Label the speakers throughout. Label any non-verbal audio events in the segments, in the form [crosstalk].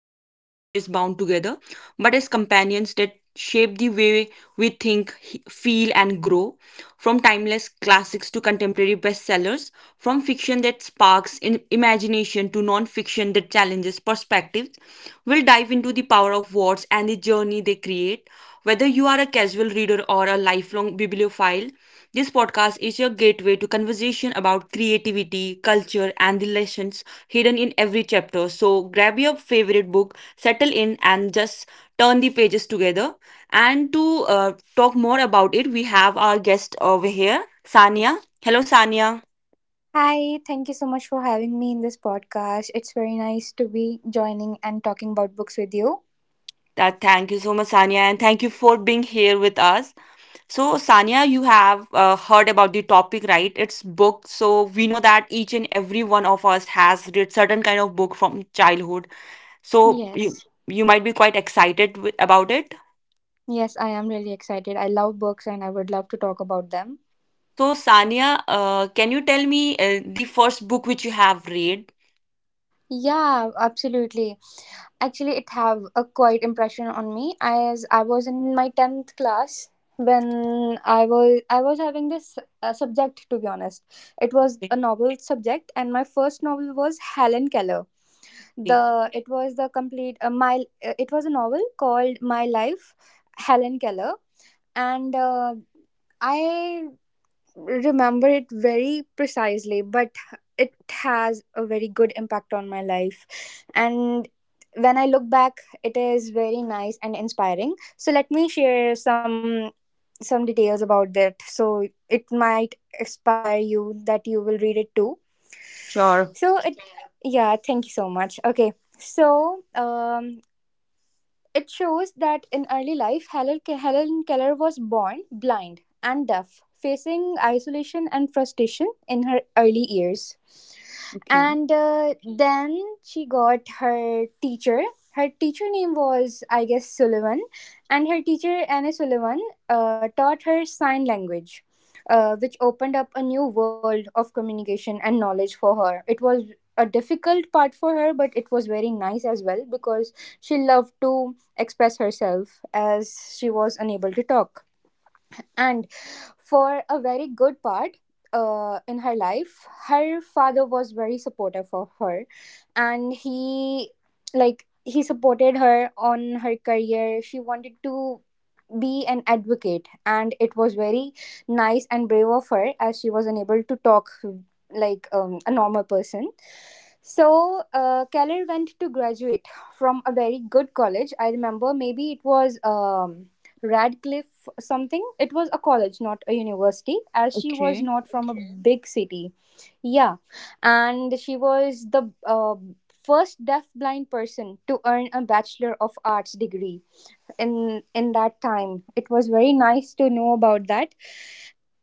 Speaker 1: just as pages bound together, but as companions that shape the way we think, feel, and grow. From timeless classics to contemporary bestsellers, from fiction that sparks in imagination to non fiction that challenges perspectives, we'll dive into the power of words and the journey they create. Whether you are a casual reader or a lifelong bibliophile, this podcast is your gateway to conversation about creativity, culture, and the lessons hidden in every chapter. So grab your favorite book, settle in, and just turn the pages together. And to talk more about it, we have our guest over here, Sania. Hello, Sania.
Speaker 2: Hi, thank you so much for having me in this podcast. It's very nice to be joining and talking about books with you.
Speaker 1: That thank you so much, Sania, and thank you for being here with us. So, Sanya, you have heard about the topic, right? It's book. So, we know that each and every one of us has read certain kind of book from childhood. So, you,
Speaker 2: Yes.
Speaker 1: you might be quite excited about it.
Speaker 2: Yes, I am really excited. I love books and I would love to talk about them.
Speaker 1: So, Sanya, can you tell me the first book which you have read?
Speaker 2: Yeah, absolutely. Actually, it have a quite impression on me as I was in my 10th class when I was having this subject to be honest. It was a novel subject and my first novel was Helen Keller.
Speaker 1: Okay.
Speaker 2: The it was the complete my it was a novel called My Life, Helen Keller. And I remember it very precisely, but it has a very good impact on my life. And when I look back, it is very nice and inspiring. So let me share some details about that, so it might inspire you that you will read it too. So it, yeah, thank you so much. Okay. So it shows that in early life, Helen Keller was born blind and deaf, facing isolation and frustration in her early years.
Speaker 1: Okay.
Speaker 2: And then she got her teacher. Her teacher name was, I guess, Sullivan. And her teacher Anna Sullivan taught her sign language, which opened up a new world of communication and knowledge for her. It was a difficult part for her, but it was very nice as well because she loved to express herself as she was unable to talk. And for a very good part in her life, her father was very supportive of her, and he, like, he supported her on her career. She wanted to be an advocate, and it was very nice and brave of her as she was unable to talk like a normal person. So, Keller went to graduate from a very good college. I remember maybe it was Radcliffe something. It was a college, not a university, as she was not from a, okay, big city. Yeah. And she was the first deaf blind person to earn a bachelor of arts degree in that time. It was very nice to know about that.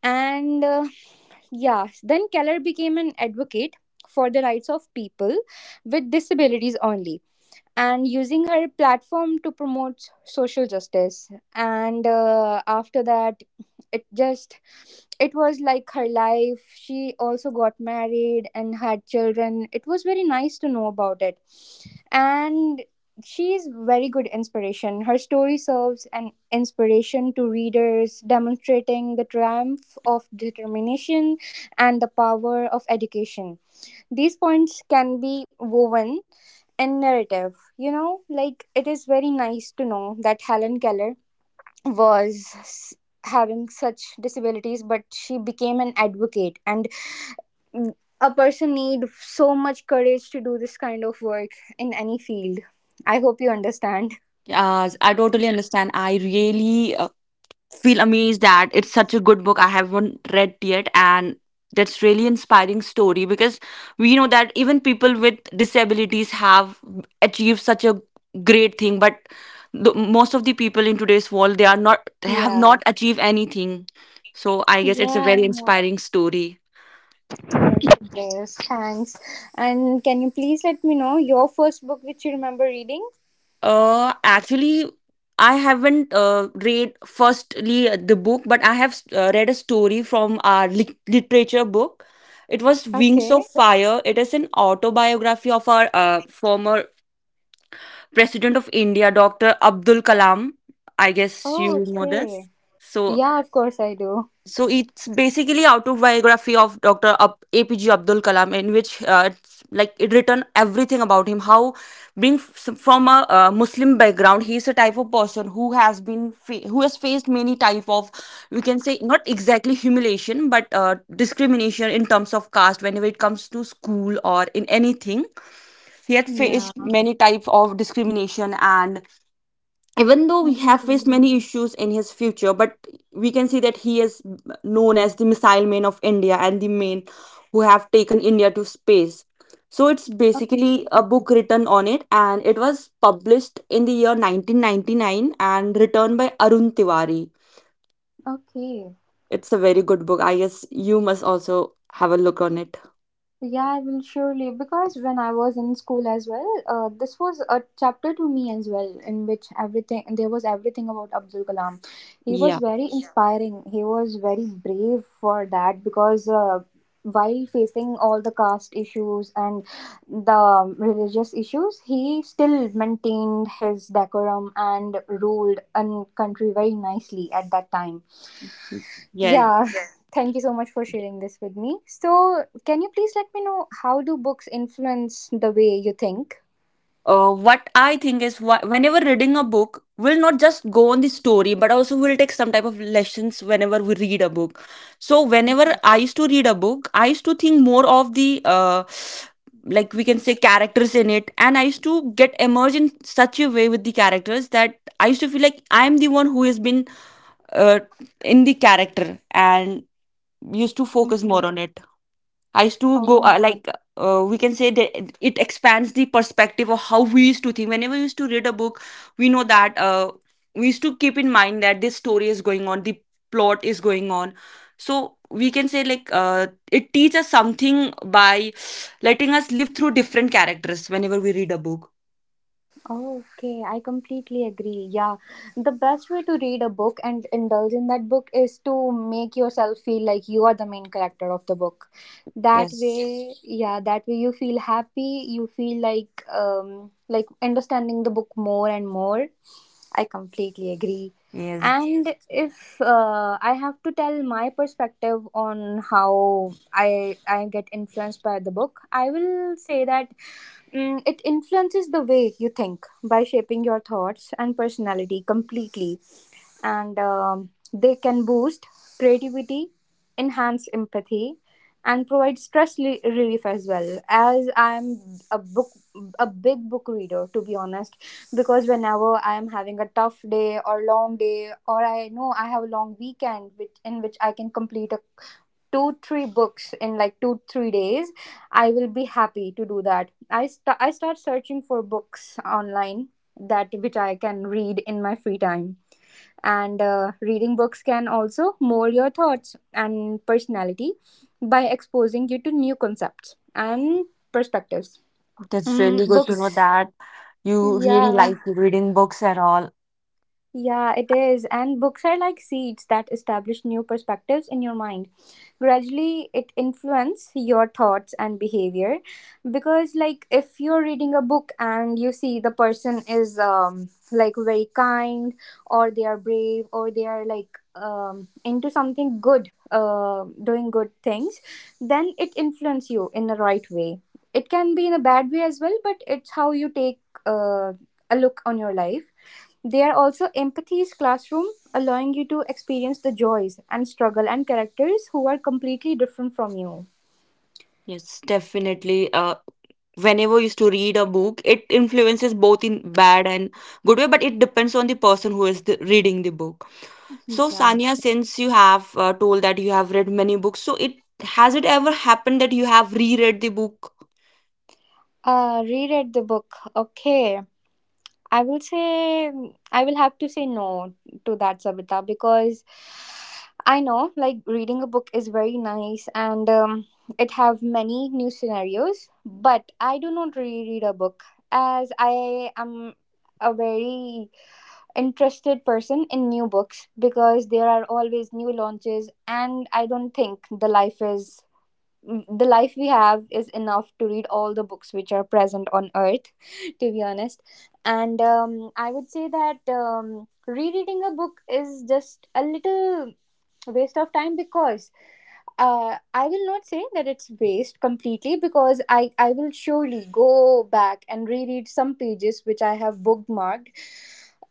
Speaker 2: And yeah, then Keller became an advocate for the rights of people with disabilities only, and using her platform to promote social justice. And after that, it just, it was like her life. She also got married and had children. It was very nice to know about it. And she is very good inspiration. Her story serves an inspiration to readers, demonstrating the triumph of determination and the power of education. These points can be woven in narrative. You know, like, it is very nice to know that Helen Keller was having such disabilities, but she became an advocate, and a person need so much courage to do this kind of work in any field. I hope you understand.
Speaker 1: I totally understand. I really feel amazed that it's such a good book I haven't read yet, and that's really inspiring story, because we know that even people with disabilities have achieved such a great thing, but the, most of the people in today's world they are not, they have
Speaker 2: Yeah.
Speaker 1: not achieved anything, so I guess it's a very
Speaker 2: Yeah.
Speaker 1: inspiring story.
Speaker 2: Yes, thanks. And can you please let me know your first book which you remember reading?
Speaker 1: Actually, I haven't read firstly the book, but I have read a story from our literature book. It was Wings
Speaker 2: Okay.
Speaker 1: of Fire. It is an autobiography of our former President of India, Dr. Abdul Kalam. I guess
Speaker 2: Oh,
Speaker 1: you know this.
Speaker 2: okay.
Speaker 1: So
Speaker 2: Yeah, of course I do.
Speaker 1: so it's basically autobiography of Dr. APJ Abdul Kalam, in which it's like it written everything about him. How being from a Muslim background, he is a type of person who has been who has faced many type of, we can say, not exactly humiliation, but discrimination in terms of caste. Whenever it comes to school or in anything, he had
Speaker 2: Yeah.
Speaker 1: faced many type of discrimination, and even though we have faced
Speaker 2: Mm.
Speaker 1: many issues in his future, but we can see that he is known as the missile man of India, and the man who have taken India to space. So it's basically a book written on it, and it was published in the year 1999 and written by Arun Tiwari.
Speaker 2: Okay.
Speaker 1: It's a very good book, I guess you must also have a look on it.
Speaker 2: Yeah, I will surely, because when I was in school as well, this was a chapter to me as well, in which everything, there was everything about Abdul Kalam. He
Speaker 1: Yeah.
Speaker 2: was very, yeah, inspiring. He was very brave for that because while facing all the caste issues and the religious issues, he still maintained his decorum and ruled a country very nicely at that time.
Speaker 1: Yes,
Speaker 2: Yeah. Yes. [laughs] Thank you so much for sharing this with me. So, can you please let me know how do books influence the way you think?
Speaker 1: what I think is whenever reading a book, we'll not just go on the story, but also we'll take some type of lessons whenever we read a book. So, whenever I used to read a book, I used to think more of the like we can say characters in it, and I used to get immersed in such a way with the characters that I used to feel like I am the one who has been uh, in the character and used to focus more
Speaker 2: Okay.
Speaker 1: on it. I used to go
Speaker 2: Oh,
Speaker 1: like we can say that it expands the perspective of how we used to think. Whenever we used to read a book, we know that we used to keep in mind that this story is going on, the plot is going on. So we can say like it teaches us something by letting us live through different characters whenever we read a book.
Speaker 2: okay. I completely agree. Yeah. The best way to read a book and indulge in that book is to make yourself feel like you are the main character of the book. That way,
Speaker 1: Yes,
Speaker 2: yes, yeah, that way you feel happy, you feel like understanding the book more and more. I completely agree.
Speaker 1: yes,
Speaker 2: And if I have to tell my perspective on how I get influenced by the book, I will say that, mm, it influences the way you think by shaping your thoughts and personality completely. And they can boost creativity, enhance empathy, and provide relief as well. As I'm a book, a big book reader, to be honest, because whenever I am having a tough day or long day, or I know I have a long weekend, which in which I can complete a two three books in like two three days, I will be happy to do that. I start searching for books online that which I can read in my free time. And reading books can also mold your thoughts and personality by exposing you to new concepts and perspectives.
Speaker 1: that's
Speaker 2: Mm,
Speaker 1: really good to know
Speaker 2: books,
Speaker 1: that you really
Speaker 2: yeah.
Speaker 1: like reading books and all.
Speaker 2: Yeah, it is. And books are like seeds that establish new perspectives in your mind. Gradually, it influence your thoughts and behavior, because like, if you're reading a book and you see the person is like very kind, or they are brave, or they are like into something good, uh, doing good things, then it influence you in the right way. It can be in a bad way as well, but it's how you take uh, a look on your life. They are also Empathy's classroom, allowing you to experience the joys and struggle and characters who are completely different from you.
Speaker 1: Yes, definitely. Whenever you used to read a book, it influences both in bad and good way, but it depends on the person who is the, reading the book. So,
Speaker 2: Yeah.
Speaker 1: Sanya, since you have told that you have read many books, so it has it ever happened that you have reread the book?
Speaker 2: Reread the book. Okay. I will say, I will have to say no to that, Savita, because I know, like, reading a book is very nice and it have many new scenarios, but I do not reread a book as I am a very interested person in new books, because there are always new launches and I don't think the life is, the life we have is enough to read all the books which are present on earth, [laughs] to be honest. And I would say that rereading a book is just a little waste of time because, I will not say that it's waste completely because I will surely go back and reread some pages which I have bookmarked.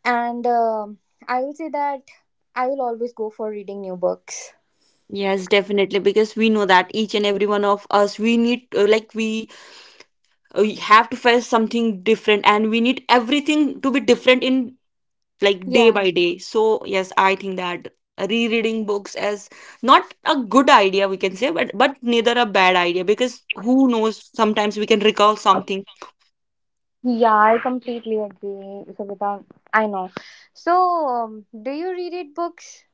Speaker 2: And I will say that I will always go for reading new books.
Speaker 1: Yes, definitely, because we know that each and every one of us, we need, like, we have to face something different and we need everything to be different in like day
Speaker 2: Yeah.
Speaker 1: by day. So yes, I think that rereading books is not a good idea, we can say, but neither a bad idea, because who knows, sometimes we can recall something.
Speaker 2: Yeah, I completely agree, Savita. I know. So, do you reread books?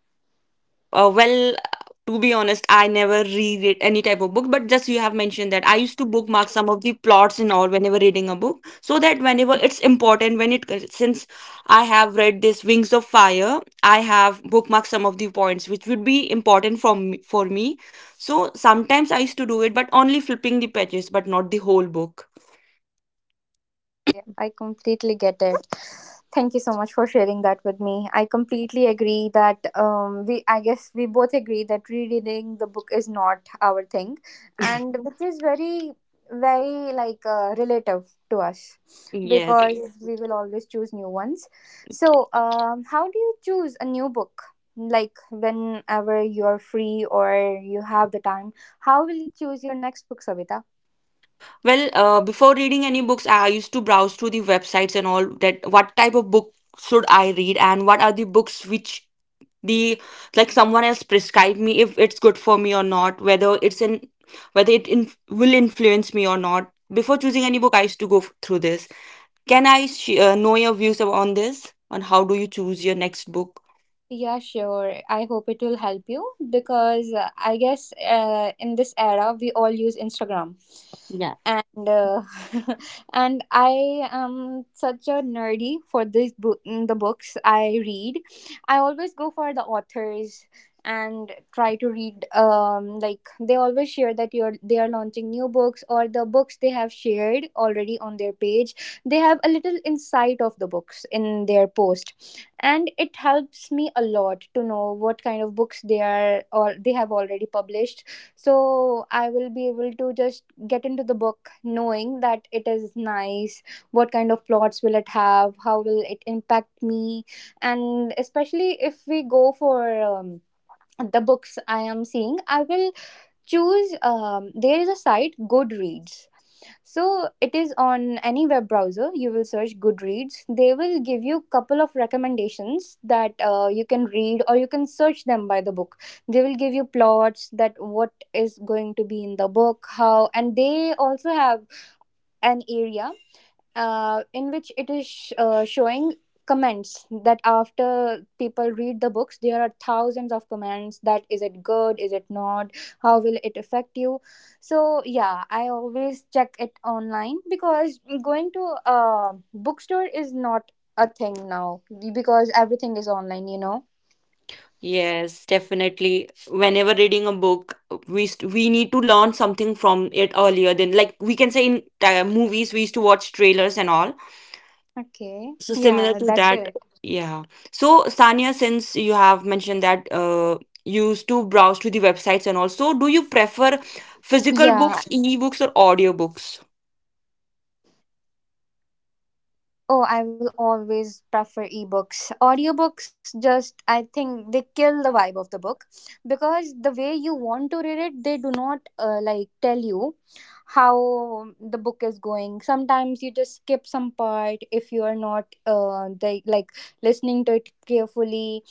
Speaker 1: Well, to be honest, I never read it, any type of book, but just you have mentioned that I used to bookmark some of the plots and all whenever reading a book, so that whenever it's important, when it since I have read this Wings of Fire, I have bookmarked some of the points which would be important for me. So sometimes I used to do it, but only flipping the pages, but not the whole book.
Speaker 2: Okay, I completely get it. Thank you so much for sharing that with me. I completely agree that we, I guess, we both agree that rereading the book is not our thing, and which
Speaker 1: [laughs]
Speaker 2: is very, very like relative to us
Speaker 1: Yes.
Speaker 2: because, yeah, we will always choose new ones. So, how do you choose a new book? Like whenever you're free or you have the time, how will you choose your next book, Savita?
Speaker 1: Well, before reading any books, I used to browse through the websites and all that. What type of book should I read, and what are the books which the like someone else prescribed me, if it's good for me or not, whether it's in whether it in, will influence me or not. Before choosing any book, I used to go through this. Can I know your views on this? On how do you choose your next book?
Speaker 2: Yeah, sure. I hope it will help you because I guess in this era we all use Instagram and [laughs] and I am such a nerdy for this book, the books I read. I always go for the authors and try to read like they always share that you're they are launching new books, or the books they have shared already on their page, they have a little insight of the books in their post. And it helps me a lot to know what kind of books they are, or they have already published. So I will be able to just get into the book knowing that it is nice, what kind of plots will it have, how will it impact me. And especially if we go for the books I am seeing, I will choose there is a site Goodreads. So it is on any web browser, you will search Goodreads, they will give you couple of recommendations that you can read, or you can search them by the book. They will give you plots that what is going to be in the book how, and they also have an area in which it is showing comments that after people read the books, there are thousands of comments, that is it good, is it not, how will it affect you. So yeah, I always check it online, because going to a bookstore is not a thing now, because everything is online, you know.
Speaker 1: Yes, definitely. Whenever reading a book, we st we need to learn something from it earlier than, like we can say in movies we used to watch trailers and all.
Speaker 2: Okay.
Speaker 1: So similar
Speaker 2: Yeah,
Speaker 1: to
Speaker 2: that's
Speaker 1: that,
Speaker 2: it.
Speaker 1: yeah. So Sanya, since you have mentioned that you used to browse to the websites and also, do you prefer physical
Speaker 2: Yeah.
Speaker 1: books, e-books, or audiobooks?
Speaker 2: Oh, I will always prefer ebooks. Audiobooks, just I think they kill the vibe of the book, because the way you want to read it, they do not like tell you how the book is going. Sometimes you just skip some part if you are not like listening to it carefully,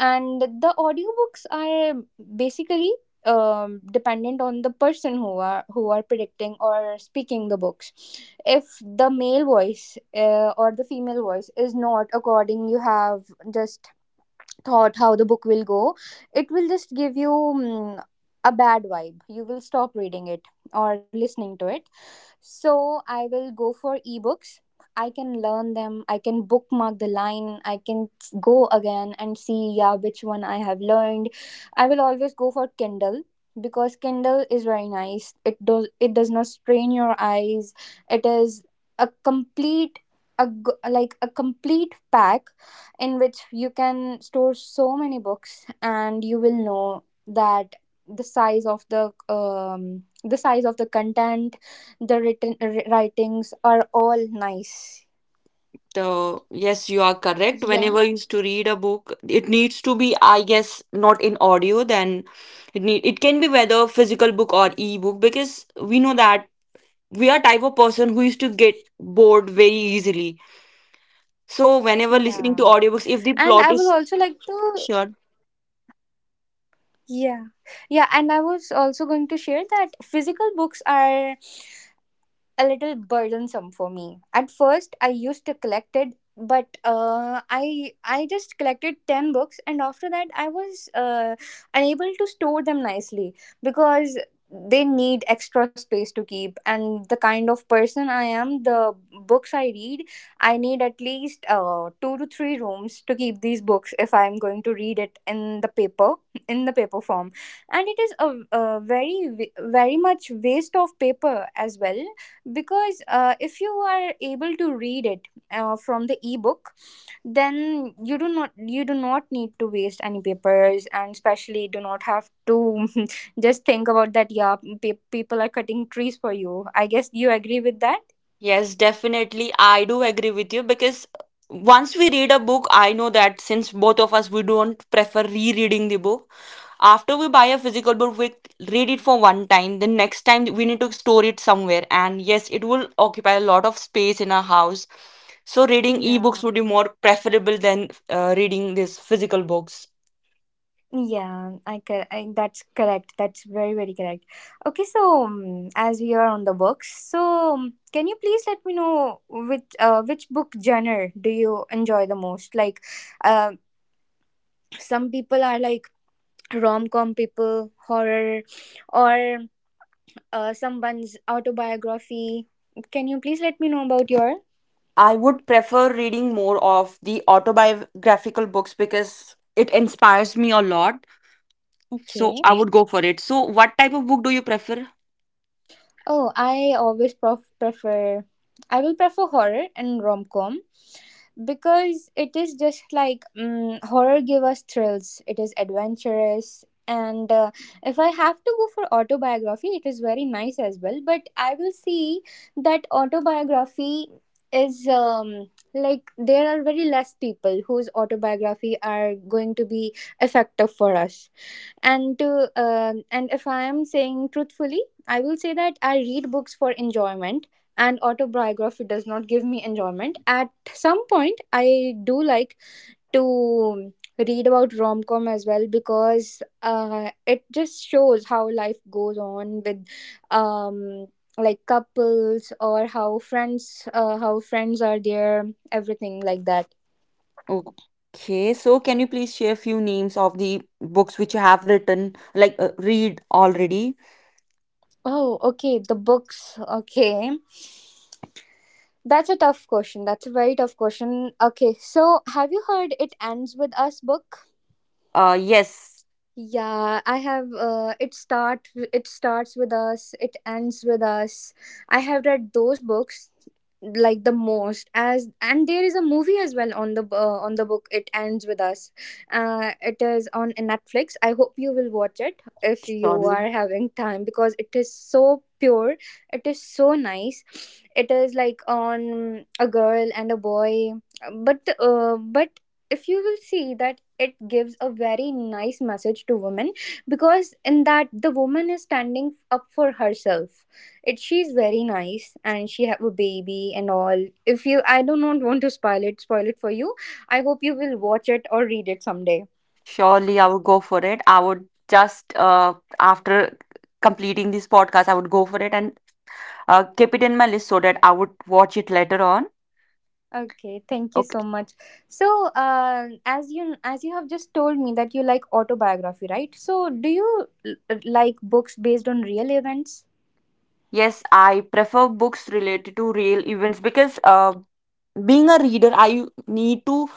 Speaker 2: and the audiobooks are basically dependent on the person who are predicting or speaking the books. If the male voice or the female voice is not according, you have just thought how the book will go, it will just give you a bad vibe, you will stop reading it or listening to it. So I will go for ebooks, I can learn them, I can bookmark the line, I can go again and see, yeah, which one I have learned. I will always go for Kindle because Kindle is very nice. It does not strain your eyes. It is a complete, like a complete pack in which you can store so many books, and you will know that the size of the content, the written writings are all nice.
Speaker 1: So yes, you are correct.
Speaker 2: Yeah,
Speaker 1: Whenever I used to read a book, it needs to be, I guess, not in audio. Then it need it can be whether physical book or e-book, because we know that we are type of person who used to get bored very easily. So whenever listening to
Speaker 2: yeah,
Speaker 1: audiobooks, if the
Speaker 2: and
Speaker 1: plot
Speaker 2: I will
Speaker 1: is
Speaker 2: also like to.
Speaker 1: sure,
Speaker 2: Yeah, yeah, and I was also going to share that physical books are a little burdensome for me. At first, I used to collect it, but I just collected 10 books, and after that, I was unable to store them nicely because they need extra space to keep, and the kind of person I am, the books I read, I need at least two to three rooms to keep these books if I am going to read it in the paper form. And it is a very much waste of paper as well, because if you are able to read it from the ebook, then you do not need to waste any papers, and especially do not have to [laughs] just think about that. Yeah, people are cutting trees for you, I guess you agree with that.
Speaker 1: yes, definitely, I do agree with you, because once we read a book, I know that since both of us we don't prefer rereading the book. After we buy a physical book, we read it for one time. Then next time we need to store it somewhere. And yes, it will occupy a lot of space in our house. So reading
Speaker 2: Yeah,
Speaker 1: ebooks would be more preferable than reading these physical books.
Speaker 2: yeah, I, that's correct, that's very very correct. Okay, so as we are on the books, so can you please let me know which book genre do you enjoy the most, like um some people are like rom com people, horror, or someone's autobiography. Can you please let me know about your?
Speaker 1: I would prefer reading more of the autobiographical books because it inspires me a lot. So
Speaker 2: Okay.
Speaker 1: I, okay, would go for it. So what type of book do you prefer?
Speaker 2: Oh, I always prefer. I will prefer horror and rom com because it is just like horror give us thrills, it is adventurous, and if I have to go for autobiography, it is very nice as well, but I will see that autobiography is like there are very less people whose autobiography are going to be effective for us. And to um and if I am saying truthfully, I will say that I read books for enjoyment, and autobiography does not give me enjoyment. At some point I do like to read about rom-com as well because it just shows how life goes on with um like couples, or how friends how friends are there, everything like that.
Speaker 1: Okay, so can you please share a few names of the books which you have written, like read already?
Speaker 2: Oh, okay, the books, okay. That's a tough question. That's a very tough question. Okay, so have you heard "It Ends with Us" book?
Speaker 1: Yes,
Speaker 2: Yeah, I have. It starts with us. It ends with us. I have read those books, like, the most as, and there is a movie as well on the on the book, It Ends with Us. It is on Netflix, I hope you will watch it if you
Speaker 1: surely,
Speaker 2: are having time because it is so pure, it is so nice. It is like on a girl and a boy, but if you will see, that it gives a very nice message to women, because in that the woman is standing up for herself, it she's very nice and she have a baby and all. If you I do not want to spoil it for you. I hope you will watch it or read it someday.
Speaker 1: surely I would go for it. I would just after completing this podcast, I would go for it and keep it in my list so that I would watch it later on.
Speaker 2: Okay, thank you so
Speaker 1: Okay.
Speaker 2: much. So, as you have just told me that you like autobiography, right? So, do you like books based on real events?
Speaker 1: Yes, I prefer books related to real events, because being a reader, I need to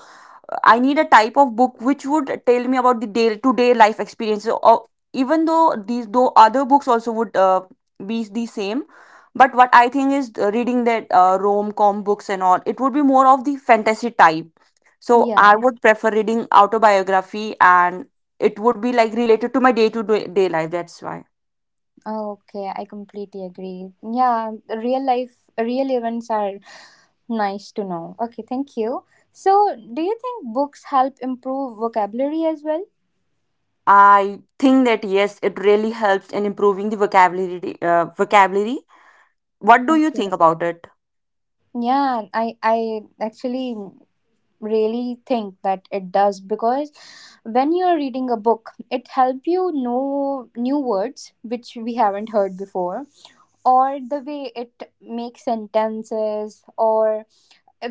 Speaker 1: I need a type of book which would tell me about the day to day life experiences. Or even though these though other books also would be the same, but what I think is reading that rom com books and all, it would be more of the fantasy type. So
Speaker 2: Yeah.
Speaker 1: I would prefer reading autobiography, and it would be like related to my day to day life. That's why.
Speaker 2: Okay, I completely agree. Yeah, real life, real events are nice to know. Okay, thank you. So, do you think books help improve vocabulary as well?
Speaker 1: I think that yes, it really helps in improving the vocabulary. Vocabulary. What do you
Speaker 2: Okay.
Speaker 1: think about it?
Speaker 2: Yeah, I actually really think that it does, because when you're reading a book, it helps you know new words which we haven't heard before, or the way it makes sentences, or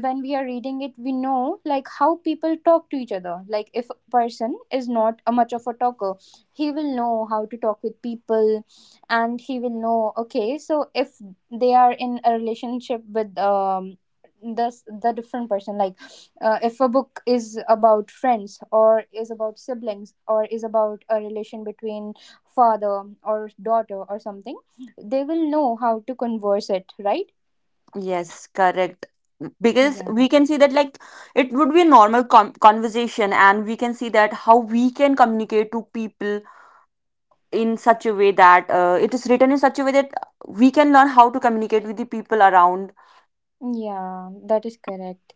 Speaker 2: when we are reading it we know, like, how people talk to each other. Like, if a person is not a much of a talker, he will know how to talk with people, and he will know, okay, so if they are in a relationship with the the different person. Like, if a book is about friends, or is about siblings, or is about a relation between father or daughter or something, they will know how to converse it, right?
Speaker 1: Yes, correct. Because
Speaker 2: Yeah.
Speaker 1: we can see that, like, it would be a normal conversation, and we can see that how we can communicate to people in such a way that it is written in such a way that we can learn how to communicate with the people around.
Speaker 2: Yeah, that is correct.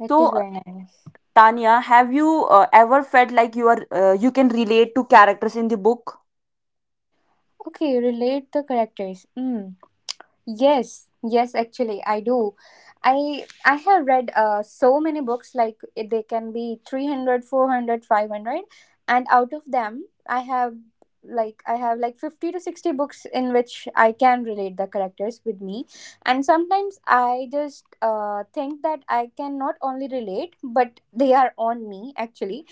Speaker 2: That
Speaker 1: So,
Speaker 2: is very nice.
Speaker 1: Tanya, have you ever felt like you are you can relate to characters in the book?
Speaker 2: Okay, relate the characters. Hmm. Yes, yes, actually, I do. I have read so many books, like, they can be 300, 400, 500, and out of them I have, like, 50 to 60 books in which I can relate the characters with me, and sometimes I just think that I can not only relate, but they are on me actually,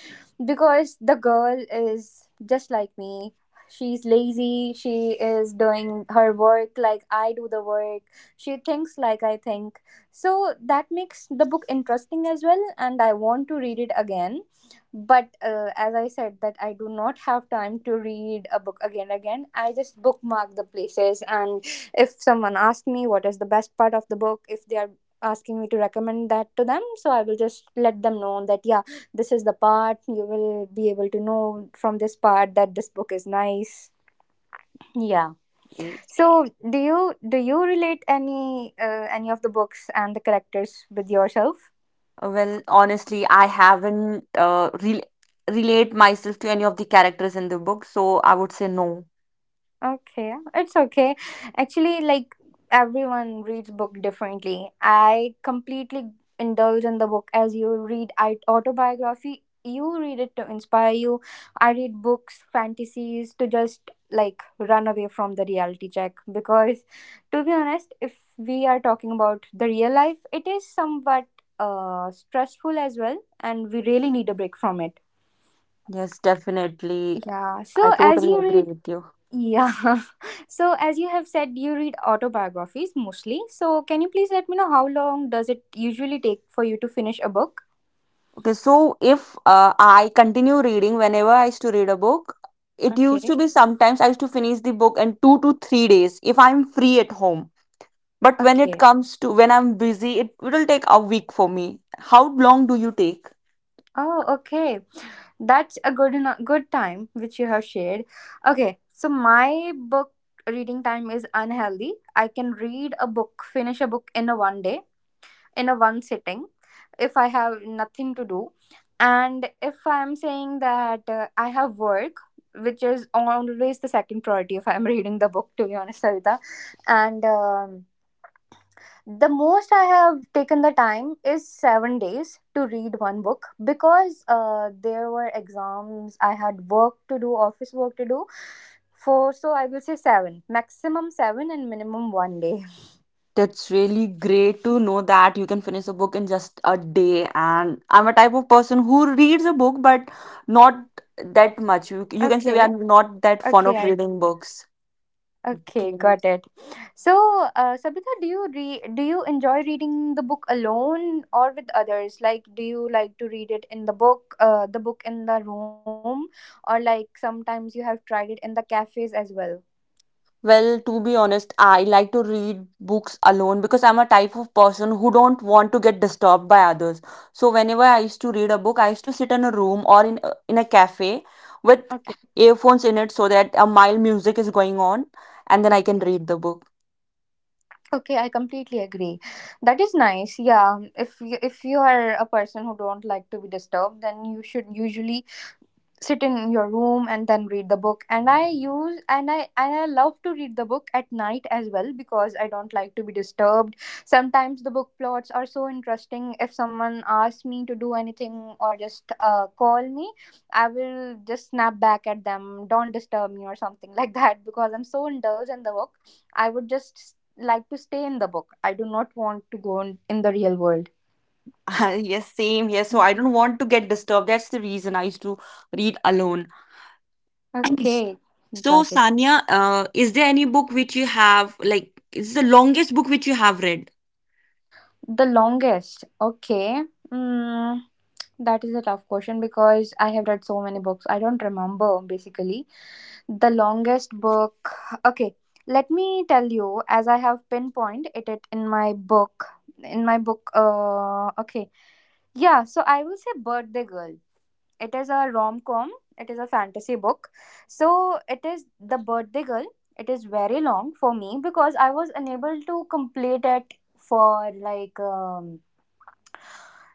Speaker 2: because the girl is just like me, she's lazy, she is doing her work like I do the work, she thinks like I think, so that makes the book interesting as well, and I want to read it again. But as I said, that I do not have time to read a book again, again I just bookmark the places, and if someone asks me what is the best part of the book, if they are asking me to recommend that to them, so I will just let them know that, yeah, this is the part, you will be able to know from this part that this book is nice, yeah.
Speaker 1: Yes.
Speaker 2: So do you relate any of the books and the characters with yourself?
Speaker 1: Well, honestly, I haven't relate myself to any of the characters in the book, so I would say no.
Speaker 2: Okay, it's okay. Actually, like, everyone reads book differently. I completely indulge in the book as you read. I autobiography. You read it to inspire you. I read books, fantasies, to just, like, run away from the reality check, because, to be honest, if we are talking about the real life, it is somewhat stressful as well, and we really need a break from it.
Speaker 1: Yes, definitely.
Speaker 2: Yeah, so
Speaker 1: I
Speaker 2: as
Speaker 1: totally
Speaker 2: you
Speaker 1: agree
Speaker 2: read.
Speaker 1: with you.
Speaker 2: Yeah. [laughs] So, as you have said, you read autobiographies mostly. So, can you please let me know how long does it usually take for you to finish a book?
Speaker 1: Okay, so if I continue reading whenever I used to read a book, it used
Speaker 2: Okay.
Speaker 1: to be sometimes I used to finish the book in 2 to 3 days if I'm free at home. But when it
Speaker 2: Okay.
Speaker 1: comes to when I'm busy, it will take a week for me. How long do you take?
Speaker 2: Oh, okay. That's a good time which you have shared. Okay. So, my book reading time is unhealthy. I can read a book, finish a book, in a one day, in a one sitting, if I have nothing to do, and if I'm saying that I have work, which is always the second priority if I'm [laughs] reading the book, to be honest, Savita. And the most I have taken the time is 7 days to read one book, because there were exams, I had work to do, office work to do, for so I will say seven, maximum seven and minimum one day.
Speaker 1: That's really great to know that you can finish a book in just a day. And I'm a type of person who reads a book, but not that much. You
Speaker 2: [laughs]
Speaker 1: can say we are
Speaker 2: Okay,
Speaker 1: not that fond
Speaker 2: okay,
Speaker 1: of reading books. Okay.
Speaker 2: okay, got it. So, Sabita, do you enjoy reading the book alone or with others? Like, do you like to read it in the book in the room, or, like, sometimes you have tried it in the cafes as well?
Speaker 1: Well, to be honest, I like to read books alone, because I'm a type of person who don't want to get disturbed by others. So whenever I used to read a book, I used to sit in a room or in a cafe with
Speaker 2: Okay,
Speaker 1: earphones in it, so that a mild music is going on, and then I can
Speaker 2: okay,
Speaker 1: read the book.
Speaker 2: okay. I completely agree. That is nice. Yeah, if you are a person who don't like to be disturbed, then you should usually sit in your room and then read the book. And I use and I love to read the book at night as well, because I don't like to be disturbed. Sometimes the book plots are so interesting, if someone asks me to do anything or just call me, I will just snap back at them, don't disturb me or something [laughs] like that, because I'm so indulged in the book. I would just like to stay in the book, I do not want to go in the real world.
Speaker 1: [laughs] Yes, same here. So I don't want to get disturbed. That's the reason I used to read alone.
Speaker 2: Okay,
Speaker 1: [clears throat] So
Speaker 2: got it.
Speaker 1: Sanya, is there any book which you have like is the longest book which you have read?
Speaker 2: The longest. Okay. Mm, that is a tough question because I have read so many books. I don't remember basically. The longest book. Okay. Let me tell you, as I have pinpointed it in my book. In my book. Okay. Yeah. So I will say Birthday Girl. It is a rom com, it is a fantasy book. So it is The Birthday Girl. It is very long for me because I was unable to complete it for, like,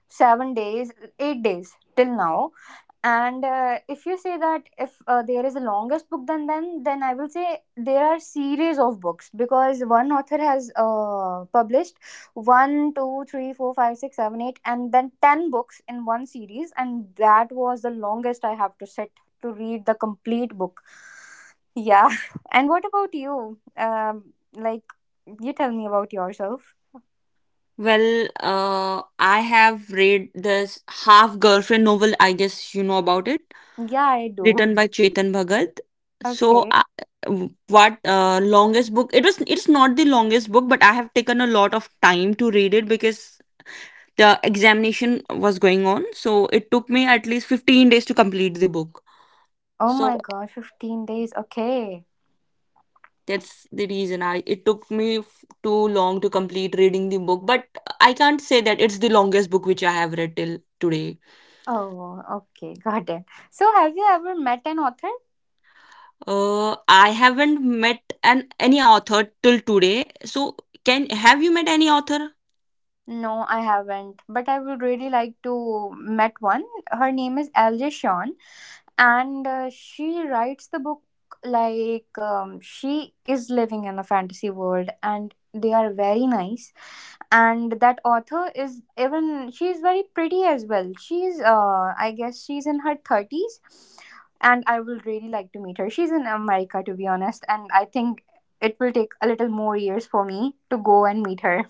Speaker 2: 7 days, 8 days till now. And if you say that, if there is a longest book, then I will say there are series of books because one author has published one, two, three, four, five, six, seven, eight, and then 10 books in one series, and that was the longest I have to sit to read the complete book. Yeah. [laughs] And what about you? Like, you tell me about yourself.
Speaker 1: Well, I have read this Half Girlfriend novel, I guess you know about it,
Speaker 2: Yeah, I do.
Speaker 1: written
Speaker 2: [laughs]
Speaker 1: by Chetan Bhagat. So,
Speaker 2: Okay.
Speaker 1: what longest book? It was. It's not the longest book, but I have taken a lot of time to read it because the examination was going on. So it took me at least 15 days to complete the book.
Speaker 2: Oh
Speaker 1: So
Speaker 2: my god, 15 days. Okay.
Speaker 1: that's the reason I. It took me too long to complete reading the book, but I can't say that it's the longest book which I have read till today.
Speaker 2: Oh, okay. Got it. So, have you ever met an author?
Speaker 1: I haven't met an any author till today. So, can have you met any author?
Speaker 2: No, I haven't, but I would really like to met one. Her name is LJ Sean, and she writes the book, like, she is living in a fantasy world, and they are very nice. And that author is even she is very pretty as well. She's I guess she's in her 30s, and I will really like to meet her. She's in America, to be honest, and I think it will take a little more years for me to go and meet her.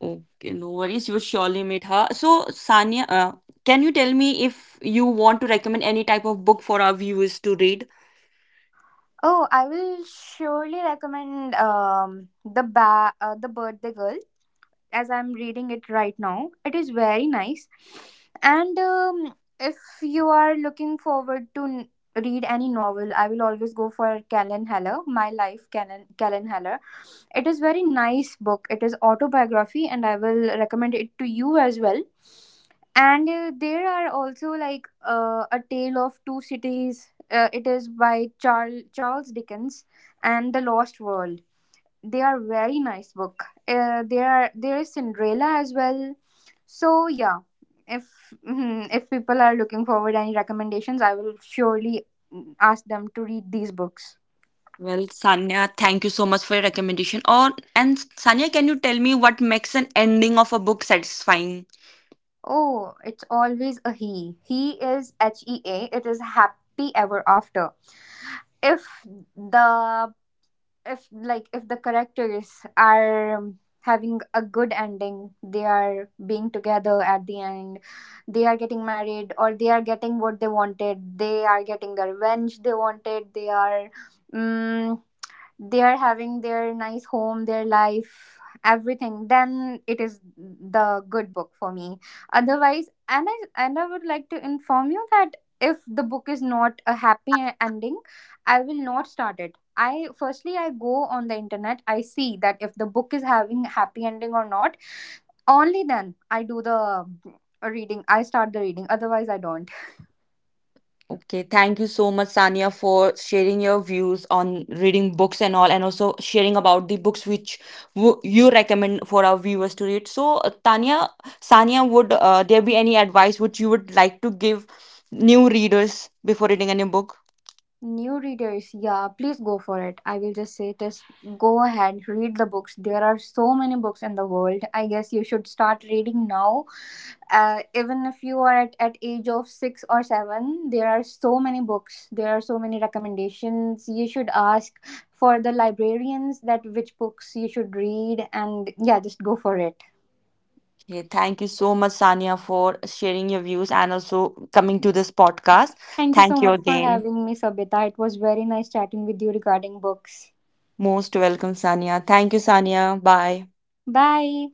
Speaker 1: Okay, no worries. You surely meet her. So, Sanya, can you tell me if you want to recommend any type of book for our viewers to read?
Speaker 2: Oh, I will surely recommend the Birthday Girl, as I'm reading it right now. It is very nice, and if you are looking forward to read any novel, I will always go for Callan Heller. My life, Callan Heller, it is very nice book, it is autobiography, and I will recommend it to you as well. And there are also, like, A Tale of Two Cities, it is by Charles Dickens, and The Lost World. They are very nice book. There is Cinderella as well, so yeah, if, people are looking forward any recommendations, I will surely ask them to read these books.
Speaker 1: Well, Sanya, thank you so much for your recommendation. Or and Sanya, can you tell me what makes an ending of a book satisfying?
Speaker 2: Oh, it's always a he. He is HEA. It is happy ever after. If the if the characters are having a good ending, they are being together at the end, they are getting married, or they are getting what they wanted, they are getting the revenge they wanted, they are, mm, they are having their nice home, their life, everything, then it is the good book for me. Otherwise, and I would like to inform you that if the book is not a happy ending, I will not start it. I firstly I go on the internet, I see that if the book is having happy ending or not. Only then I do the reading. I start the reading. Otherwise, I don't.
Speaker 1: Okay, thank you so much, Sania, for sharing your views on reading books and all, and also sharing about the books which you recommend for our viewers to read. So, Tanya, Sania, would there be any advice which you would like to give new readers before reading any book?
Speaker 2: New readers, yeah, please go for it. I will just say, just go ahead, read the books. There are so many books in the world. I guess you should start reading now. Even if you are at age of 6 or 7, there are so many books. There are so many recommendations. You should ask for the librarians that which books you should read, and yeah, just go for it.
Speaker 1: Okay, thank you so much, Sania, for sharing your views and also coming to this podcast.
Speaker 2: Thank you so
Speaker 1: Thank you
Speaker 2: much for
Speaker 1: again.
Speaker 2: having me, Sabita. It was very nice chatting with you regarding books.
Speaker 1: Most welcome, Sania. Thank you, Sania. Bye.
Speaker 2: Bye.